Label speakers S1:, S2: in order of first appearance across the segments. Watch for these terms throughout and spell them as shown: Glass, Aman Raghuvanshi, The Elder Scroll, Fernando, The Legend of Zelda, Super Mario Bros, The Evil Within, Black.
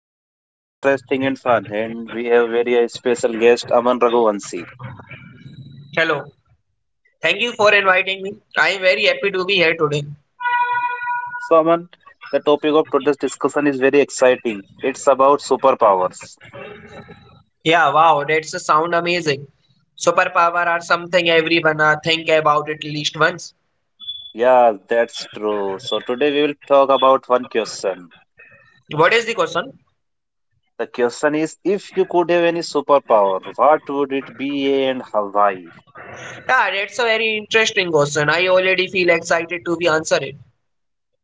S1: something very interesting and fun and we have very special guest Aman Raghuvanshi.
S2: Hello. Thank you for inviting me. I am very happy to be here today.
S1: So Aman, the topic of today's discussion is very exciting. It's about superpowers.
S2: Yeah, wow, that's a sound amazing. Superpower are something everyone think about at least once.
S1: Yeah, that's true. So today we will talk about one question.
S2: What is the question?
S1: The question is if you could have any superpower, what would it be and why?
S2: Yeah, that's a very interesting question. I already feel excited to be answer it.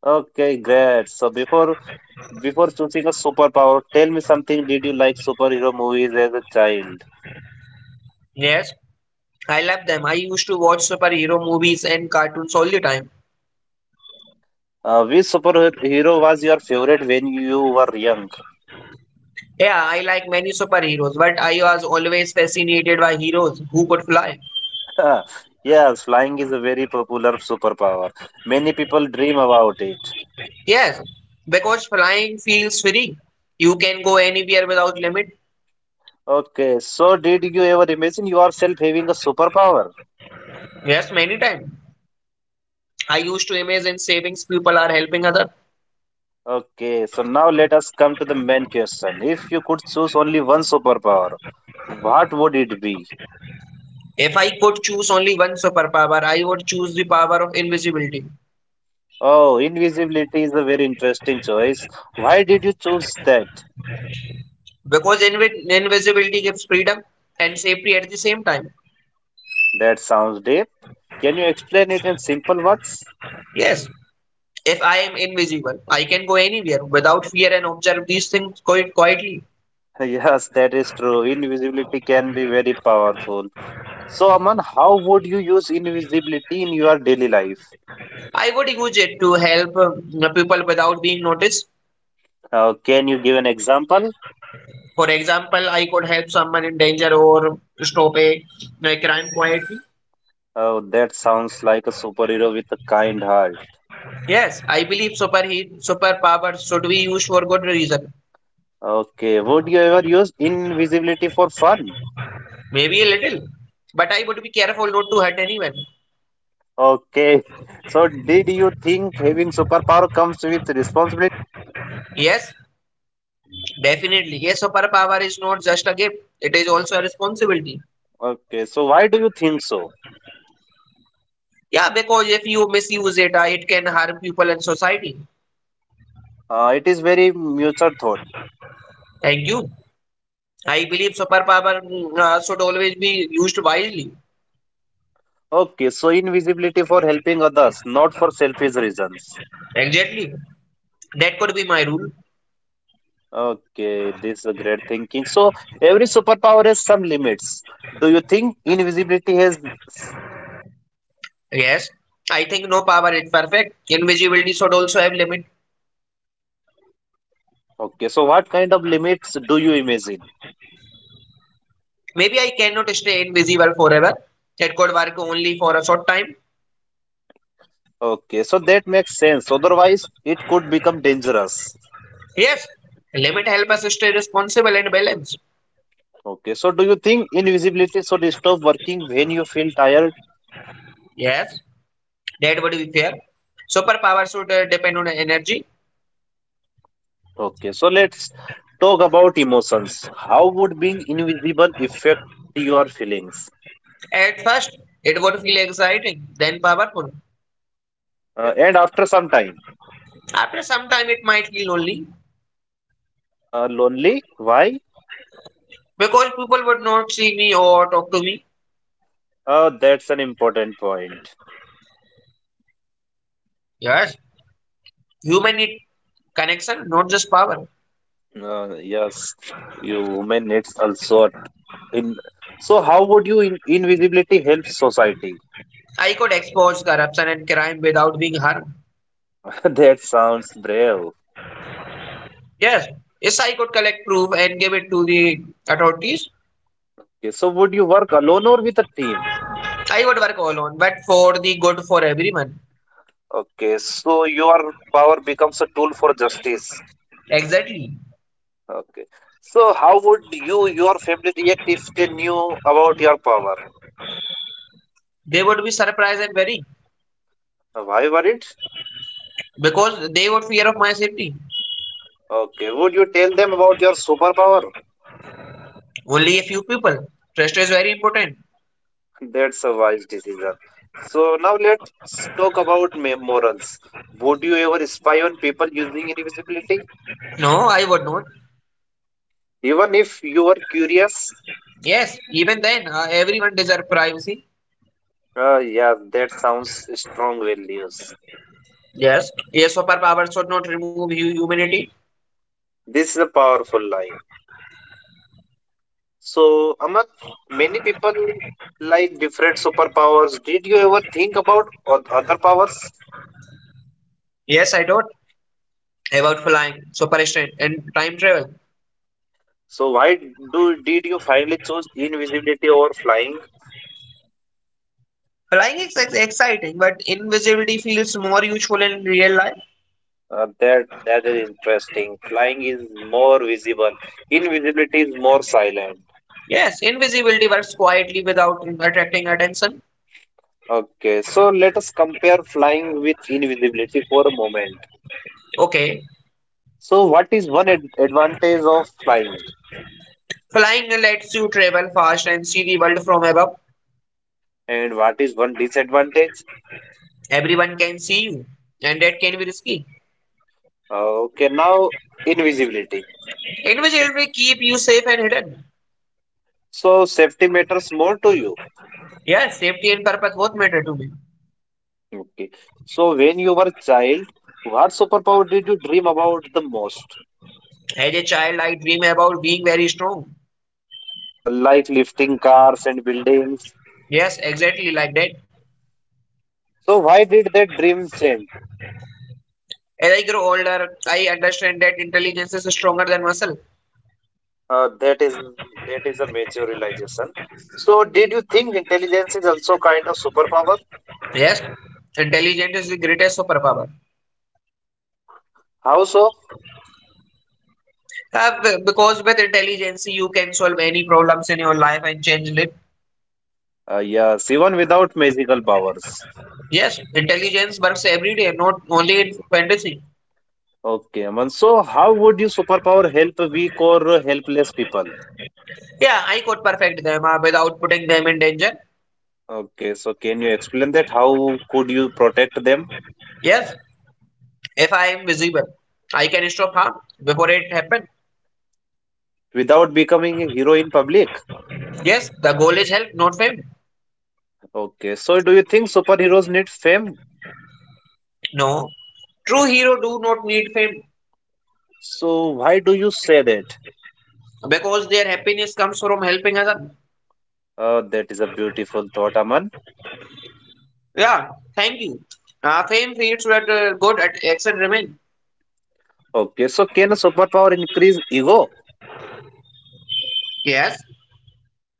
S1: Okay, great. Before choosing a superpower, tell me something. Did you like superhero movies as a child?
S2: Yes, I love them. I used to watch superhero movies and cartoons all the time.
S1: Which superhero was your favorite when you were young?
S2: Yeah, I like many superheroes, but I was always fascinated by heroes who could fly.
S1: Yes, flying is a very popular superpower. Many people dream about it.
S2: Yes, because flying feels free. You can go anywhere without limit.
S1: Okay, so did you ever imagine yourself having a superpower?
S2: Yes, many times. I used to imagine savings people are helping other.
S1: Okay, so now let us come to the main question. If you could choose only one superpower, what would it be?
S2: If I could choose only one superpower, I would choose the power of invisibility.
S1: Oh, invisibility is a very interesting choice. Why did you choose that?
S2: Because invisibility gives freedom and safety at the same time.
S1: That sounds deep. Can you explain it in simple words?
S2: Yes, if I am invisible, I can go anywhere without fear and observe these things quite quietly.
S1: Yes, that is true. Invisibility can be very powerful. So, Aman, how would you use invisibility in your daily life?
S2: I would use it to help people without being noticed.
S1: Can you give an example?
S2: For example, I could help someone in danger or stop a crime quietly.
S1: Oh, that sounds like a superhero with a kind heart.
S2: Yes, I believe superheat superpowers should be used for good reason.
S1: Okay, would you ever use invisibility for fun?
S2: Maybe a little, but I would be careful not to hurt anyone.
S1: Okay, so did you think having superpower comes with responsibility?
S2: Yes, definitely. A superpower is not just a gift; it is also a responsibility.
S1: Okay, so why do you think so?
S2: Yeah, because if you misuse it, it can harm people and society.
S1: It is very mutual thought.
S2: Thank you. I believe superpower should always be used wisely.
S1: Okay, so invisibility for helping others, not for selfish reasons.
S2: Exactly. That could be my rule.
S1: Okay, this is a great thinking. So every superpower has some limits. Do you think invisibility has?
S2: Yes, I think no power is perfect. Invisibility should also have limit.
S1: Okay, so what kind of limits do you imagine?
S2: Maybe I cannot stay invisible forever. It could work only for a short time.
S1: Okay, so that makes sense. Otherwise, it could become dangerous.
S2: Yes, limit help us stay responsible and balanced.
S1: Okay, so do you think invisibility should stop working when you feel tired?
S2: Yes, that would be fair. Superpower should depend on energy.
S1: Okay, so let's talk about emotions. How would being invisible affect your feelings?
S2: At first, it would feel exciting, then powerful.
S1: And after some time.
S2: After some time, it might feel lonely
S1: Lonely? Why?
S2: because people would not see me or talk to me.
S1: That's an important point.
S2: Yes, human need connection, not just power.
S1: Yes, you women needs also in. So how would you invisibility help society?
S2: I could expose corruption and crime without being harmed.
S1: That sounds brave.
S2: Yes, yes, I could collect proof and give it to the authorities.
S1: Okay, so would you work alone or with a team?
S2: I would work alone, but for the good for everyone.
S1: Okay, so your power becomes a tool for justice.
S2: Exactly.
S1: Okay, so how would you your family react if they knew about your power?
S2: They would be surprised and worried
S1: Why worried?
S2: because they would fear of my safety.
S1: Okay, would you tell them about your superpower?
S2: Only a few people. Trust is very important.
S1: That's a wise decision. So now let's talk about morals. Would you ever spy on people using invisibility?
S2: No, I would not.
S1: Even if you are curious?
S2: Yes, even then, everyone deserves privacy.
S1: Yeah, that sounds strong values.
S2: Yes, a superpower should not remove humanity.
S1: This is a powerful line. So, Aman, many people like different superpowers. Did you ever think about other powers?
S2: Yes, I thought about flying, super strength, and time travel.
S1: So, why do did you finally choose invisibility over flying?
S2: Exciting, but invisibility feels more useful in real life.
S1: That is interesting. Flying is more visible. Invisibility is more silent.
S2: Yes, invisibility works quietly without attracting attention.
S1: Okay, so let us compare flying with invisibility for a moment.
S2: Okay.
S1: So, what is one ad advantage of flying,
S2: Flying lets you travel fast and see the world from above.
S1: and what is one disadvantage?
S2: Everyone can see you, and that can be risky.
S1: Okay, now invisibility.
S2: Invisibility keep you safe and hidden.
S1: So, safety matters more to you.
S2: Yes, safety and purpose both matter to me.
S1: Okay. So, when you were a child, what superpower did you dream about the most?
S2: As a child, I dream about being very strong.
S1: Like lifting cars and buildings.
S2: Yes, exactly like that.
S1: So, why did that dream change?
S2: As I grow older, I understand that intelligence is stronger than muscle.
S1: Uh, that is that is a major realization. So, did you think intelligence is also kind of superpower?
S2: Yes, intelligence is the greatest superpower.
S1: How so?
S2: Because with intelligence, you can solve any problems in your life and change life.
S1: Yes, even without magical powers.
S2: Yes, intelligence works every day, not only in fantasy.
S1: Okay, Aman. So, how would your superpower help weak or helpless people?
S2: Yeah, I could perfect them without putting them in danger.
S1: Okay, so can you explain that? How could you protect them
S2: Yes, if I am visible, I can stop harm before it happens.
S1: without becoming a hero in public?
S2: Yes, the goal is help, not fame.
S1: Okay, so do you think superheroes need fame?
S2: No, true hero do not need fame
S1: So, why do you say that?
S2: because their happiness comes from helping others.
S1: That is a beautiful thought, Aman.
S2: Yeah, thank you. Fame feeds that good at action remain.
S1: Okay, so can a superpower increase ego?
S2: Yes,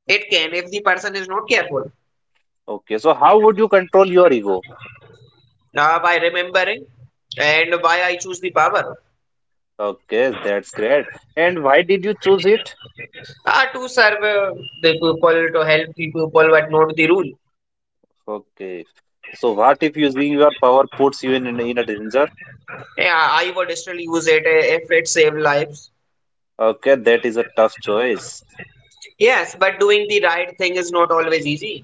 S2: it can if the person is not careful.
S1: Okay, so how would you control your ego?
S2: By remembering and why I choose the power.
S1: Okay, that's great. And why did you choose it?
S2: To serve the people, to help the people, but not the rule.
S1: Okay, so what if using your power puts you in a danger?
S2: Yeah, I would still use it if it saves lives.
S1: Okay, that is a tough choice.
S2: Yes, but doing the right thing is not always easy.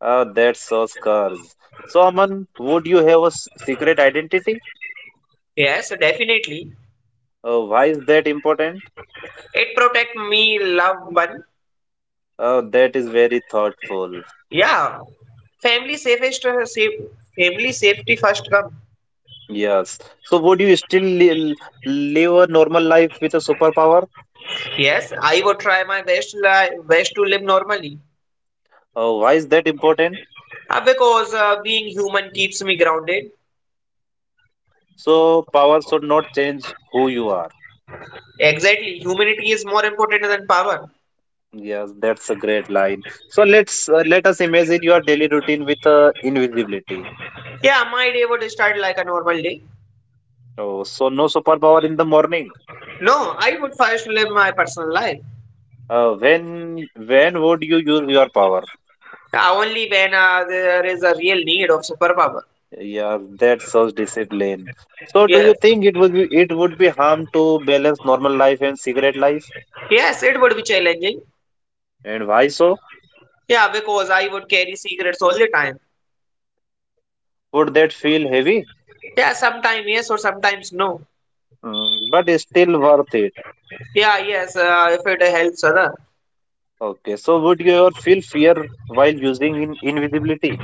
S1: That shows courage. So, Aman, would you have a secret identity?
S2: Yes, definitely.
S1: Why is that important?
S2: It protect me, love one.
S1: That is very thoughtful.
S2: Yeah, family safest, uh, safe, family safety first come.
S1: Yes. So, would you still live a normal life with a superpower?
S2: Yes, I would try my best, best to live normally.
S1: Why is that important?
S2: Because being human keeps me grounded.
S1: So, power should not change who you are.
S2: Exactly, humanity is more important than power.
S1: Yes, that's a great line. So let us imagine your daily routine with invisibility.
S2: Yeah, my day would start like a normal day.
S1: Oh, so no superpower in the morning.
S2: No, I would first live my personal life.
S1: When would you use your power?
S2: Only when there is a real need of superpower.
S1: Yeah, that shows discipline. So do
S2: Yes,
S1: you think it would be harm to balance normal life and cigarette life?
S2: yes, it would be challenging.
S1: And why so?
S2: Yeah, because I would carry secrets all the time.
S1: Would that feel heavy?
S2: Yeah, sometimes yes or sometimes no.
S1: Mm, but it's still worth it.
S2: Yeah, yes, if it helps other.
S1: Okay, so would you ever feel fear while using in invisibility,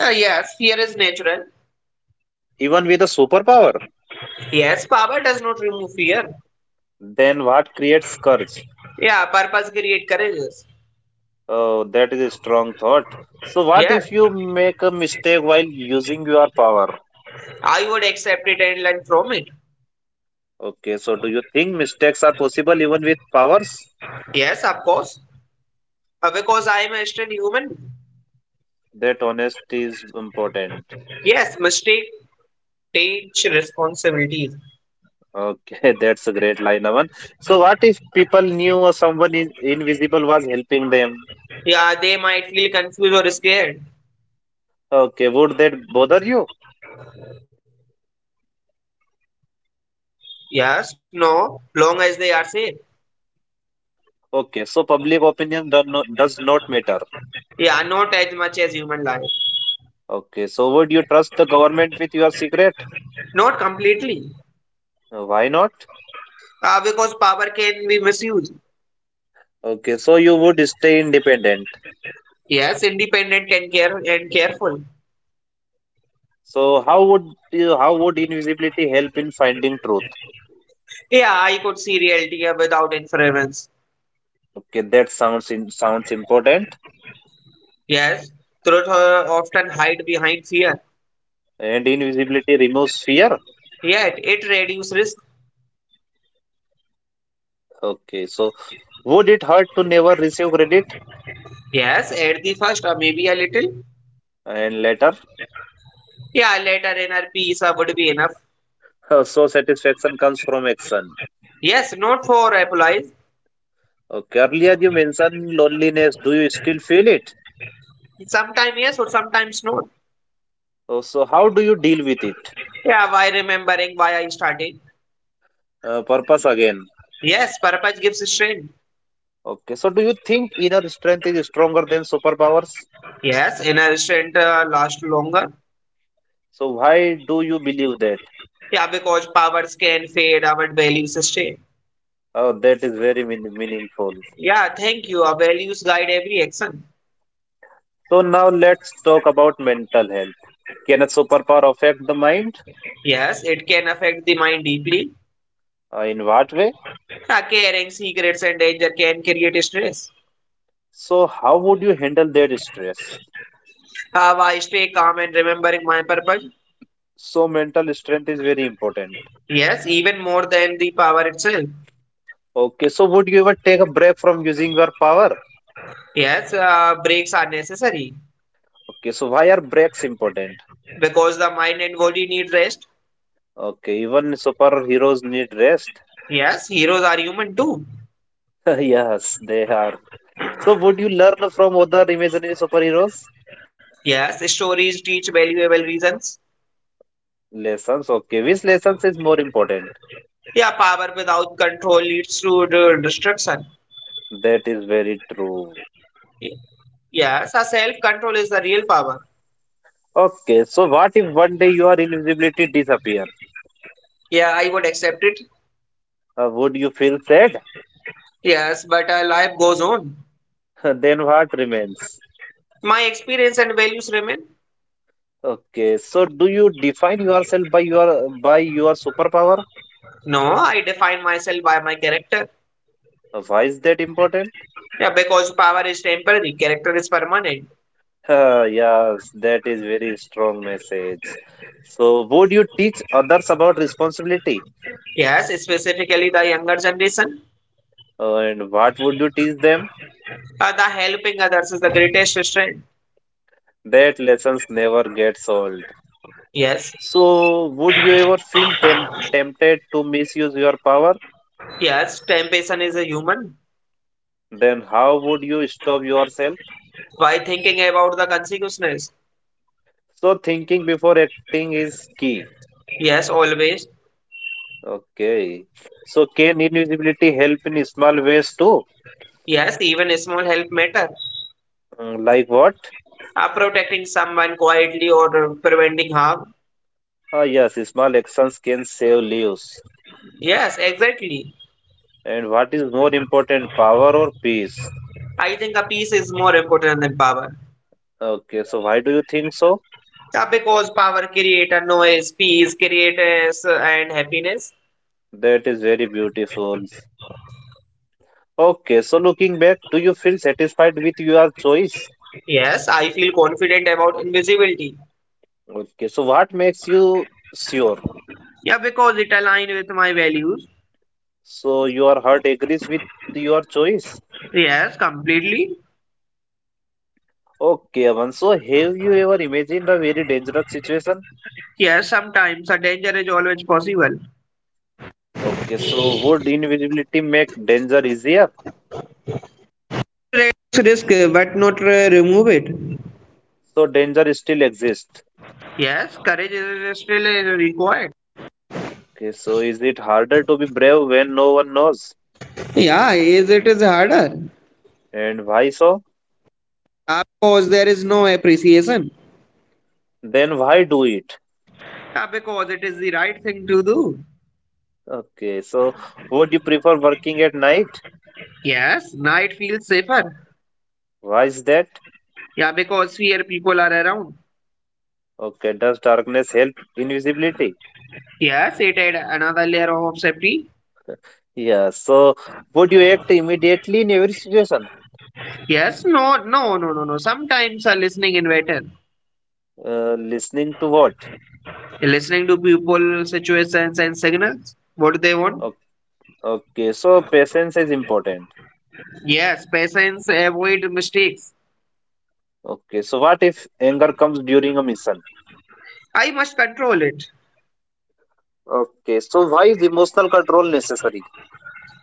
S2: Yes, fear is natural.
S1: even with a superpower?
S2: Yes, power does not remove fear.
S1: Then what creates courage?
S2: Yeah, purpose create courageous.
S1: Oh, that is a strong thought. So, what
S2: Yes,
S1: if you make a mistake while using your power?
S2: I would accept it and learn from it.
S1: Okay, so do you think mistakes are possible even with powers?
S2: Yes, of course. Because I am a still human.
S1: That honesty is important.
S2: Yes, mistake takes responsibilities.
S1: Okay, that's a great line, Aman. So, what if people knew or someone invisible was helping them?
S2: Yeah, they might feel confused or scared.
S1: Okay, would that bother you?
S2: Yes, no, long as they are safe.
S1: Okay, so public opinion does not matter.
S2: Yeah, not much as human life.
S1: Okay, so would you trust the government with your secret?
S2: Not completely.
S1: Why not?
S2: Because power can be misused.
S1: Okay, so you would stay independent.
S2: Yes, independent can care and careful.
S1: So how would invisibility help in finding truth?
S2: Yeah, I could see reality without interference.
S1: Okay, that sounds sounds important.
S2: Yes, truth often hide behind fear.
S1: And invisibility removes fear.
S2: Yet it reduces risk.
S1: Okay, so would it hurt to never receive credit?
S2: Yes, at the first or maybe a little.
S1: And later,
S2: Yeah, later inner peace would be enough.
S1: so satisfaction comes from action.
S2: Yes, not for applies.
S1: Okay, earlier you mentioned loneliness. Do you still feel it?
S2: Sometimes yes or sometimes not.
S1: Oh, so how do you deal with it?
S2: Yeah, why remembering why I started?
S1: Purpose again.
S2: Yes, purpose gives strength.
S1: Okay, so do you think inner strength is stronger than superpowers?
S2: Yes, inner strength lasts longer.
S1: So why do you believe that?
S2: Yeah, because powers can fade, our values stay.
S1: Oh, that is very meaningful.
S2: Yeah, thank you. Our values guide every action.
S1: So now let's talk about mental health. Can a superpower affect the mind?
S2: Yes, it can affect the mind deeply.
S1: In what way?
S2: Carrying secrets and danger can create stress.
S1: So how would you handle their stress?
S2: How I stay calm and remembering my purpose?
S1: So mental strength is very important.
S2: Yes, even more than the power itself.
S1: Okay, so would you ever take a break from using your power?
S2: Yes, breaks are necessary
S1: Okay, so why are breaks important?
S2: because the mind and body need rest.
S1: Okay, even superheroes need rest.
S2: Yes, heroes are human too.
S1: Yes, they are. So would you learn from other imaginary superheroes?
S2: Yes, stories teach valuable reasons.
S1: Lessons, okay. Which lessons is more important?
S2: Yeah, power without control leads to the destruction.
S1: That is very true.
S2: Yes, a self control is the real power.
S1: Okay, so what if one day your invisibility disappear?
S2: Yeah, I would accept it.
S1: Would you feel sad?
S2: Yes, but life goes on.
S1: Then what remains?
S2: My experience and values remain.
S1: Okay, so do you define yourself by your superpower?
S2: No, I define myself by my character.
S1: Why is that important?
S2: Yeah, because power is temporary, character is permanent.
S1: Yes, that is very strong message. So would you teach others about responsibility?
S2: Yes, specifically the younger generation.
S1: And what would you teach them?
S2: The helping others is the greatest strength.
S1: That lessons never gets old.
S2: Yes,
S1: So would you ever feel tempted to misuse your power?
S2: yes, temptation is a human.
S1: Then how would you stop yourself?
S2: Why thinking about the consequences?
S1: So thinking before acting is key.
S2: Yes, always.
S1: Okay. So can invisibility help in small ways too?
S2: Yes, even a small help matter.
S1: Mm, like what?
S2: Protecting someone quietly or preventing harm.
S1: Ah, yes, small actions can save lives.
S2: Yes, exactly.
S1: And what is more important, power or peace?
S2: I think a peace is more important than power.
S1: Okay, so why do you think so?
S2: Yeah, because power creates noise, peace creators, and happiness.
S1: That is very beautiful. Okay, so looking back, do you feel satisfied with your choice?
S2: Yes, I feel confident about invisibility.
S1: Okay, so what makes you sure?
S2: Yeah, because it aligns with my values.
S1: So your heart agrees with your choice?
S2: Yes, completely.
S1: Okay, Aman. So, have you ever imagined a very dangerous situation?
S2: Yes, sometimes a danger is always possible.
S1: Okay, so would invisibility make danger easier? So, danger still exists. Okay, so is it harder to be brave when no one knows? And why so? Then why do it?
S2: Ooh,
S1: Okay, so would you prefer working at night?
S2: yes, now it feels safer.
S1: Why is that?
S2: Yeah, because here people are around.
S1: Okay, does darkness help invisibility?
S2: Yes, it add another layer of safety.
S1: Yeah, so would you act immediately in every situation?
S2: Yes, no, no, no, no, no. Sometimes a listening invader,
S1: Listening to what?
S2: listening to people, situations, and signals. What do they want?
S1: Okay, okay, so patience is important.
S2: Yes, patience, avoid mistakes.
S1: Okay, so what if anger comes during a mission?
S2: I must control it
S1: Okay, so why is emotional control necessary?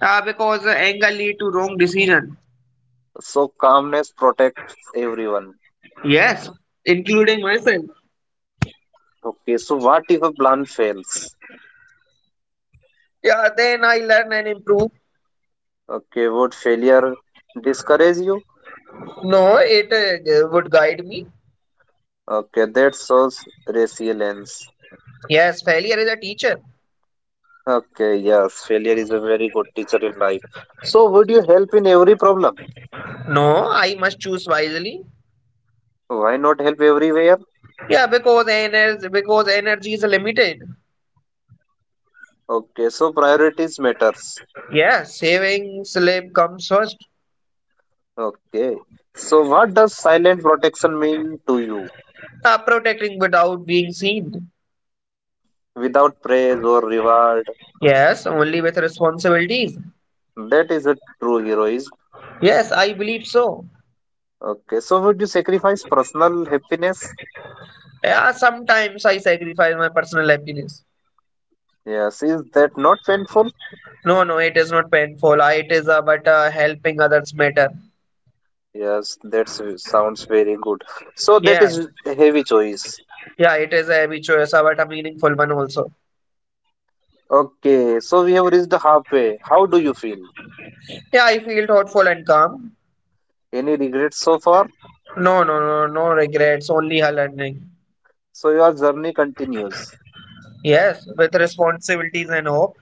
S2: because anger lead to wrong decision.
S1: So calmness protects everyone.
S2: Yes, including myself.
S1: Okay, so what if a plan fails?
S2: Yeah, then I learn and improve.
S1: Okay, would failure discourage you?
S2: No, it would guide me.
S1: Okay, that shows resilience.
S2: Yes, failure is a teacher.
S1: Okay, yes, failure is a very good teacher in life. So would you help in every problem?
S2: No, I must choose wisely.
S1: Why not help everywhere?
S2: Yeah, because energy is limited.
S1: Okay, so priorities matters.
S2: Yes, saving sleep comes first.
S1: Okay, so what does silent protection mean to you?
S2: Protecting without being seen.
S1: Without praise or reward.
S2: Yes, only with responsibilities.
S1: That is a true heroism.
S2: Yes, I believe so.
S1: Okay, so would you sacrifice personal happiness?
S2: Yeah, sometimes I sacrifice my personal happiness.
S1: Yes, is that not painful?
S2: No, no, it is not painful. It is but helping others matter.
S1: Yes, that sounds very good. So that
S2: Yeah,
S1: is the heavy choice.
S2: yeah, it is a heavy choice, but a meaningful one also.
S1: Okay, so we have reached halfway. How do you feel?
S2: Yeah, I feel thoughtful and calm.
S1: Any regrets so far?
S2: No, no regrets, only her learning.
S1: So your journey continues.
S2: Yes, with responsibilities and hope.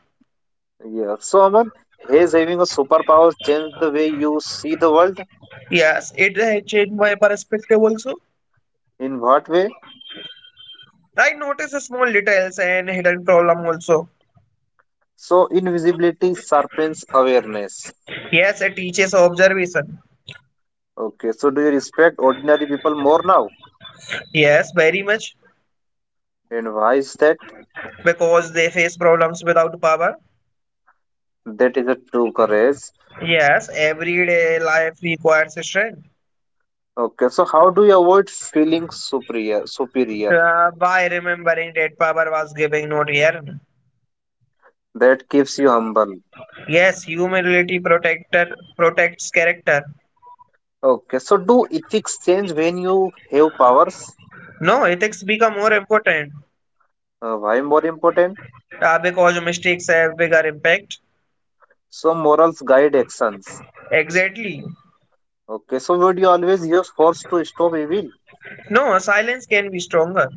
S1: Yeah. So Aman, has having a superpower changed the way you see the world?
S2: Yes, it changed my perspective also.
S1: In what way?
S2: I notice small details and hidden problem also.
S1: So invisibility sharpens awareness.
S2: Yes, it teaches observation.
S1: Okay, so do you respect ordinary people more now?
S2: Yes, very much
S1: And why is that?
S2: because they face problems without power.
S1: That is a true courage.
S2: Yes, everyday life requires strength.
S1: Okay, so how do you avoid feeling superior? Superior
S2: By remembering that power was giving, not earned.
S1: that keeps you humble.
S2: Yes, humility protector protects character.
S1: Okay, so do ethics change when you have powers?
S2: No, ethics become more important
S1: Why more important?
S2: because mistakes have bigger impact.
S1: So morals guide actions.
S2: Exactly.
S1: Okay, so would you always use force to stop evil?
S2: No, silence can be stronger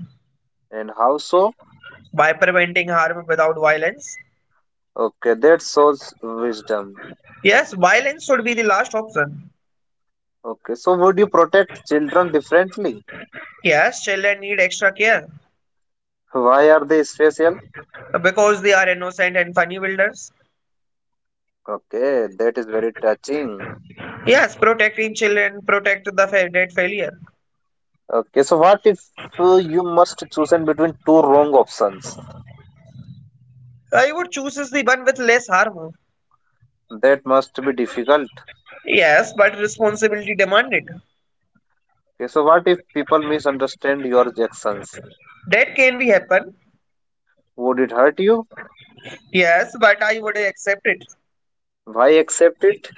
S1: And how so?
S2: by preventing harm without violence.
S1: Okay, that shows wisdom.
S2: Yes, violence should be the last option.
S1: Okay, so would you protect children differently?
S2: Yes, children need extra care
S1: Why are they special?
S2: because they are innocent and funny builders.
S1: Okay, that is very touching.
S2: Yes, protecting children, protect the dead failure.
S1: Okay, so what if you must chosen between two wrong options?
S2: I would choose is the one with less harm.
S1: That must be difficult.
S2: Yes, but responsibility demanded.
S1: Okay, so what if people misunderstand your actions?
S2: That can be happen.
S1: Would it hurt you?
S2: Yes, but I would accept it.
S1: Why accept it?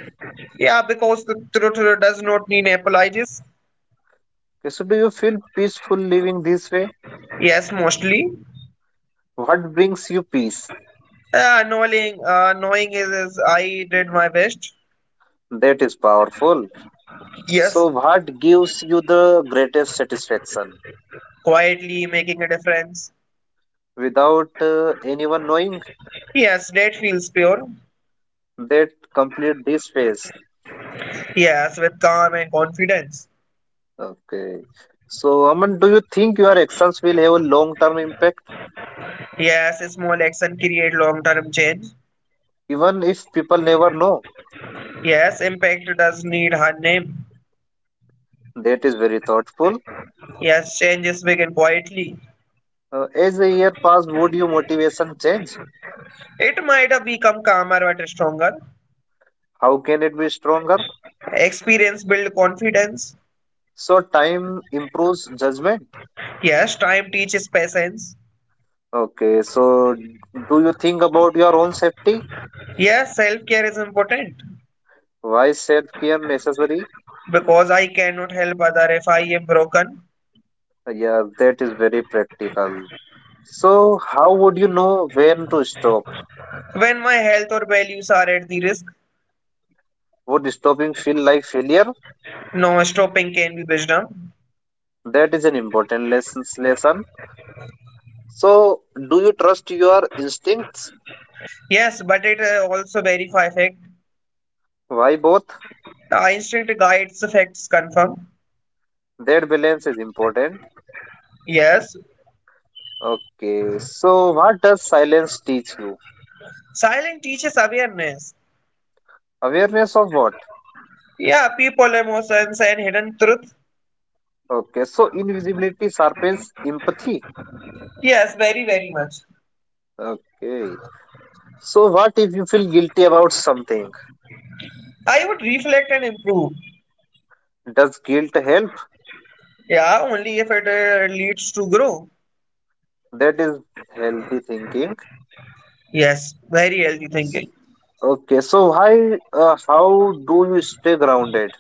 S2: Yeah, because the truth does not need apologies.
S1: Okay, so do you feel peaceful living this way?
S2: Yes, mostly.
S1: What brings you peace?
S2: Knowing is I did my best.
S1: That is powerful.
S2: Yes,
S1: So what gives you the greatest satisfaction?
S2: quietly making a difference.
S1: Without anyone knowing,
S2: Yes, that feels pure.
S1: that complete this phase.
S2: Yes, with calm and confidence.
S1: Okay. So, Aman, do you think your actions will have a long-term impact,
S2: Yes, small action create long-term change.
S1: even if people never know?
S2: Yes, impact does need hard name.
S1: That is very thoughtful.
S2: Yes, change is big and quietly.
S1: As the year pass, would your motivation change?
S2: It might have become calmer but stronger.
S1: How can it be stronger?
S2: Experience build confidence.
S1: So, time improves judgment.
S2: Yes, time teaches patience.
S1: Okay. So, do you think about your own safety?
S2: Yes, self-care is important
S1: Why self-care necessary?
S2: because I cannot help other if I am broken.
S1: Yeah, that is very practical. So, how would you know when to stop?
S2: When my health or values are at the risk,
S1: Would stopping feel like failure?
S2: no stopping can be wisdom.
S1: That is an important lesson. So, do you trust your instincts?
S2: Yes, but it also verify fact.
S1: Why both?
S2: Instinct guides facts confirm.
S1: That balance is important.
S2: Yes,
S1: Okay, so what does silence teach you?
S2: silence teaches awareness.
S1: Awareness of what?
S2: Yeah, people, emotions, and hidden truth.
S1: Okay, so invisibility sharpens empathy.
S2: Yes, very, very much.
S1: Okay, so what if you feel guilty about something?
S2: I would reflect and improve.
S1: Does guilt help?
S2: Yeah, only if it leads to grow.
S1: That is healthy thinking.
S2: Yes, very healthy thinking.
S1: Okay, so how do you stay grounded?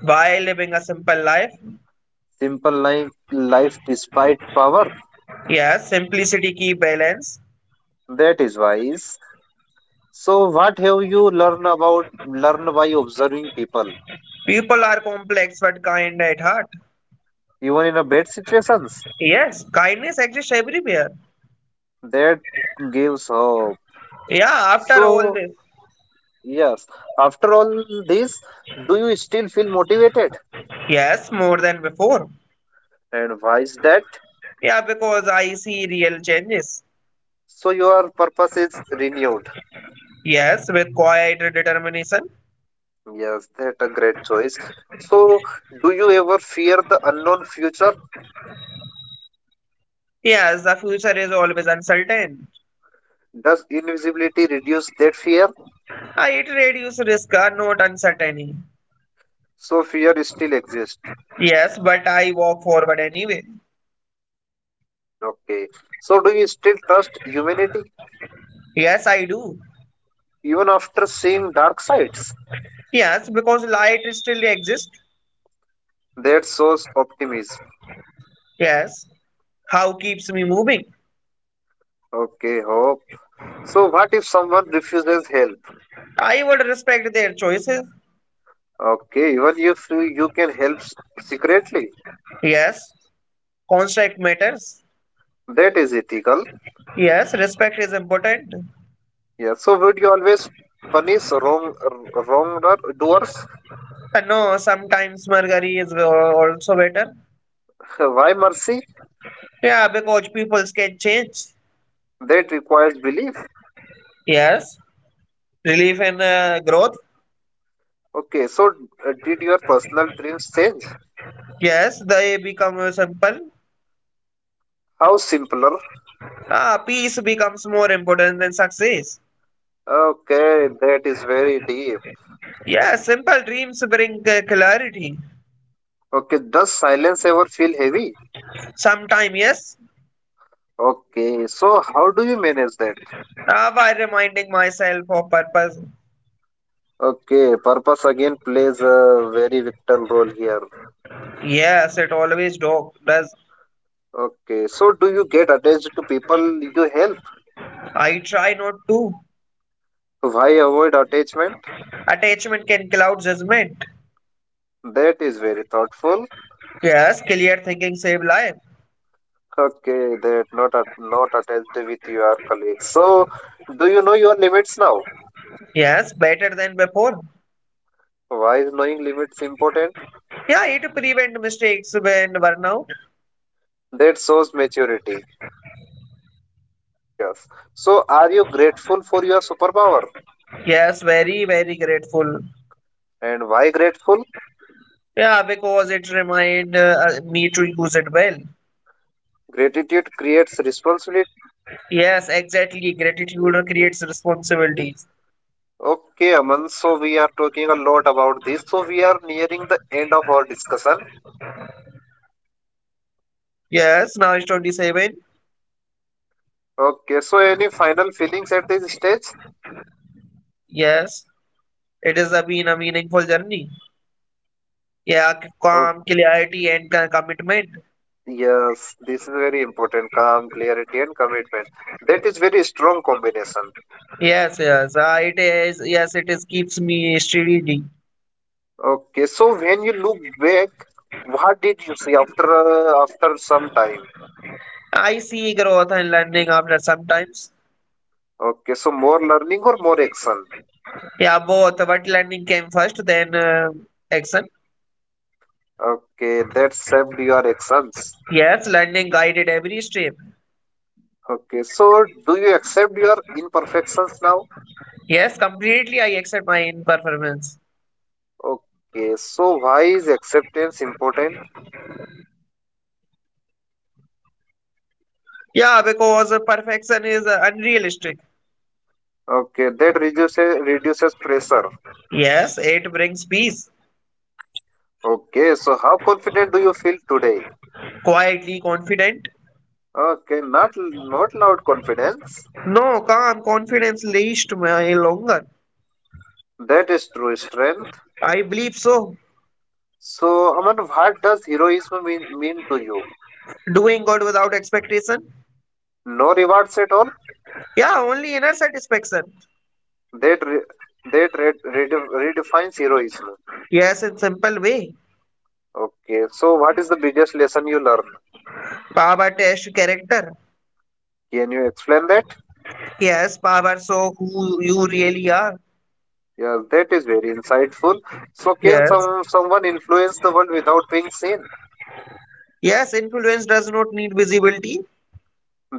S2: While living a simple life.
S1: Simple like life despite power.
S2: Yes, simplicity key balance.
S1: That is wise. So, what have you learned about learn by observing people,
S2: People are complex but kind at heart.
S1: even in a bad situations?
S2: Yes, kindness exists everywhere.
S1: That gives hope.
S2: Yeah, after all
S1: So,
S2: this.
S1: yes, after all this, do you still feel motivated?
S2: Yes, more than before.
S1: And why is that?
S2: Yeah, because I see real changes.
S1: So, your purpose is renewed.
S2: Yes, with quiet determination.
S1: Yes, that a great choice. So, do you ever fear the unknown future?
S2: Yes, the future is always uncertain.
S1: Does invisibility reduce that fear?
S2: I it reduce risk, not uncertainty.
S1: So, fear still exists.
S2: Yes, but I walk forward anyway.
S1: Okay. So, do you still trust humanity?
S2: Yes, I do.
S1: Even after seeing dark sides.
S2: Yes, because light still exists.
S1: That shows optimism.
S2: Yes, how keeps me moving?
S1: Okay, hope. So, what if someone refuses help?
S2: I would respect their choices.
S1: Okay, even if you can help secretly,
S2: Yes, construct matters.
S1: that is ethical.
S2: Yes, respect is important.
S1: Yeah. So, would you always punish wrong doers?
S2: And no, sometimes Margari is also better.
S1: Why mercy?
S2: Yeah, because people can change.
S1: That requires belief.
S2: Yes, relief and growth.
S1: Okay. So, did your personal dreams change?
S2: Yes, they become simple.
S1: How simpler?
S2: Ah, peace becomes more important than success.
S1: Okay, that is very deep.
S2: Yes, simple dreams bring clarity.
S1: Okay, does silence ever feel heavy?
S2: Sometime, yes,
S1: Okay, so how do you manage that?
S2: ah, by reminding myself of purpose.
S1: Okay, purpose again plays a very vital role here.
S2: Yes, it always does.
S1: Okay, so do you get attached to people you help?
S2: I try not to.
S1: Why avoid attachment?
S2: Attachment can cloud judgment.
S1: That is very thoughtful.
S2: Yes, clear thinking save life.
S1: Okay, that not not attached with your colleagues. So, do you know your limits now?
S2: Yes, better than before.
S1: Why is knowing limits important?
S2: Yeah, it prevent mistakes when burnout.
S1: That shows maturity. Yes. So, are you grateful for your superpower?
S2: Yes, very very grateful.
S1: And why grateful?
S2: Yeah, because it remind me to use it well.
S1: Gratitude creates responsibility.
S2: Yes, exactly. Gratitude creates responsibilities.
S1: Okay, Aman. So we are talking a lot about this. So we are nearing the end of our discussion.
S2: Yes, now it's 27.
S1: Okay. So any final feelings at this stage?
S2: Yes, it has been a meaningful journey. Yeah,
S1: Oh,
S2: calm, clarity, and commitment.
S1: yes, this is very important. Calm, clarity, and commitment. That is very strong combination.
S2: Yes, yes. It is. Yes, it is keeps me steady.
S1: Okay. So when you look back, what did you see after after some time?
S2: I see growth and learning after sometimes.
S1: Okay. So more learning or more action?
S2: Yeah, both. But learning came first, then action.
S1: Okay. That saved your actions.
S2: Yes, learning guided every step.
S1: Okay. So do you accept your imperfections now?
S2: Yes, completely I accept my imperfections.
S1: Okay, so why is acceptance important?
S2: Yeah, because perfection is unrealistic.
S1: Okay, that reduces pressure.
S2: Yes, it brings peace.
S1: Okay, so how confident do you feel today?
S2: Quietly confident.
S1: Okay, not not loud confidence.
S2: No, calm confidence least my longer.
S1: That is true strength.
S2: I believe so.
S1: So, Aman, what does heroism mean to you?
S2: Doing good without expectation.
S1: No rewards at all.
S2: Yeah, only inner satisfaction.
S1: That re, redefines heroism.
S2: Yes, in simple way.
S1: Okay, so what is the biggest lesson you learn?
S2: Power test character.
S1: Can you explain that?
S2: Yes, power show who you really are.
S1: Yeah, that is very insightful. So, can
S2: Yes.
S1: someone influence the world without being seen?
S2: Yes, influence does not need visibility.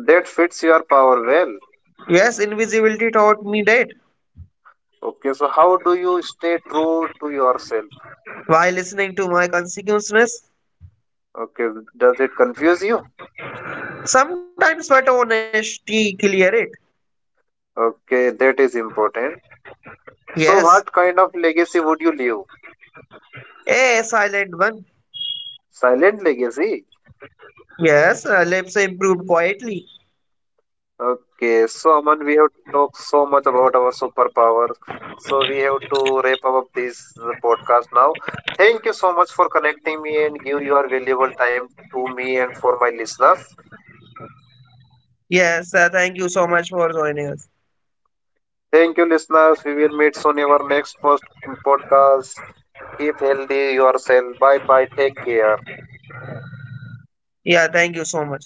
S1: That fits your power well.
S2: Yes, invisibility taught me that
S1: Okay, so how do you stay true to yourself?
S2: while listening to my consequences.
S1: Okay, does it confuse you?
S2: Sometimes, but honesty clear it.
S1: Okay, that is important.
S2: Yes,
S1: So, what kind of legacy would you leave?
S2: a silent one.
S1: Silent legacy?
S2: Yes, lips improved quietly.
S1: Okay, so Aman, we have talked so much about our superpower, so we have to wrap up this podcast now. Thank you so much for connecting me and give your valuable time to me and for my listeners.
S2: Yes, thank you so much for joining us.
S1: Thank you, listeners. We will meet soon in our next post podcast. Keep healthy yourself. Bye bye. Take care.
S2: Yeah, thank you so much.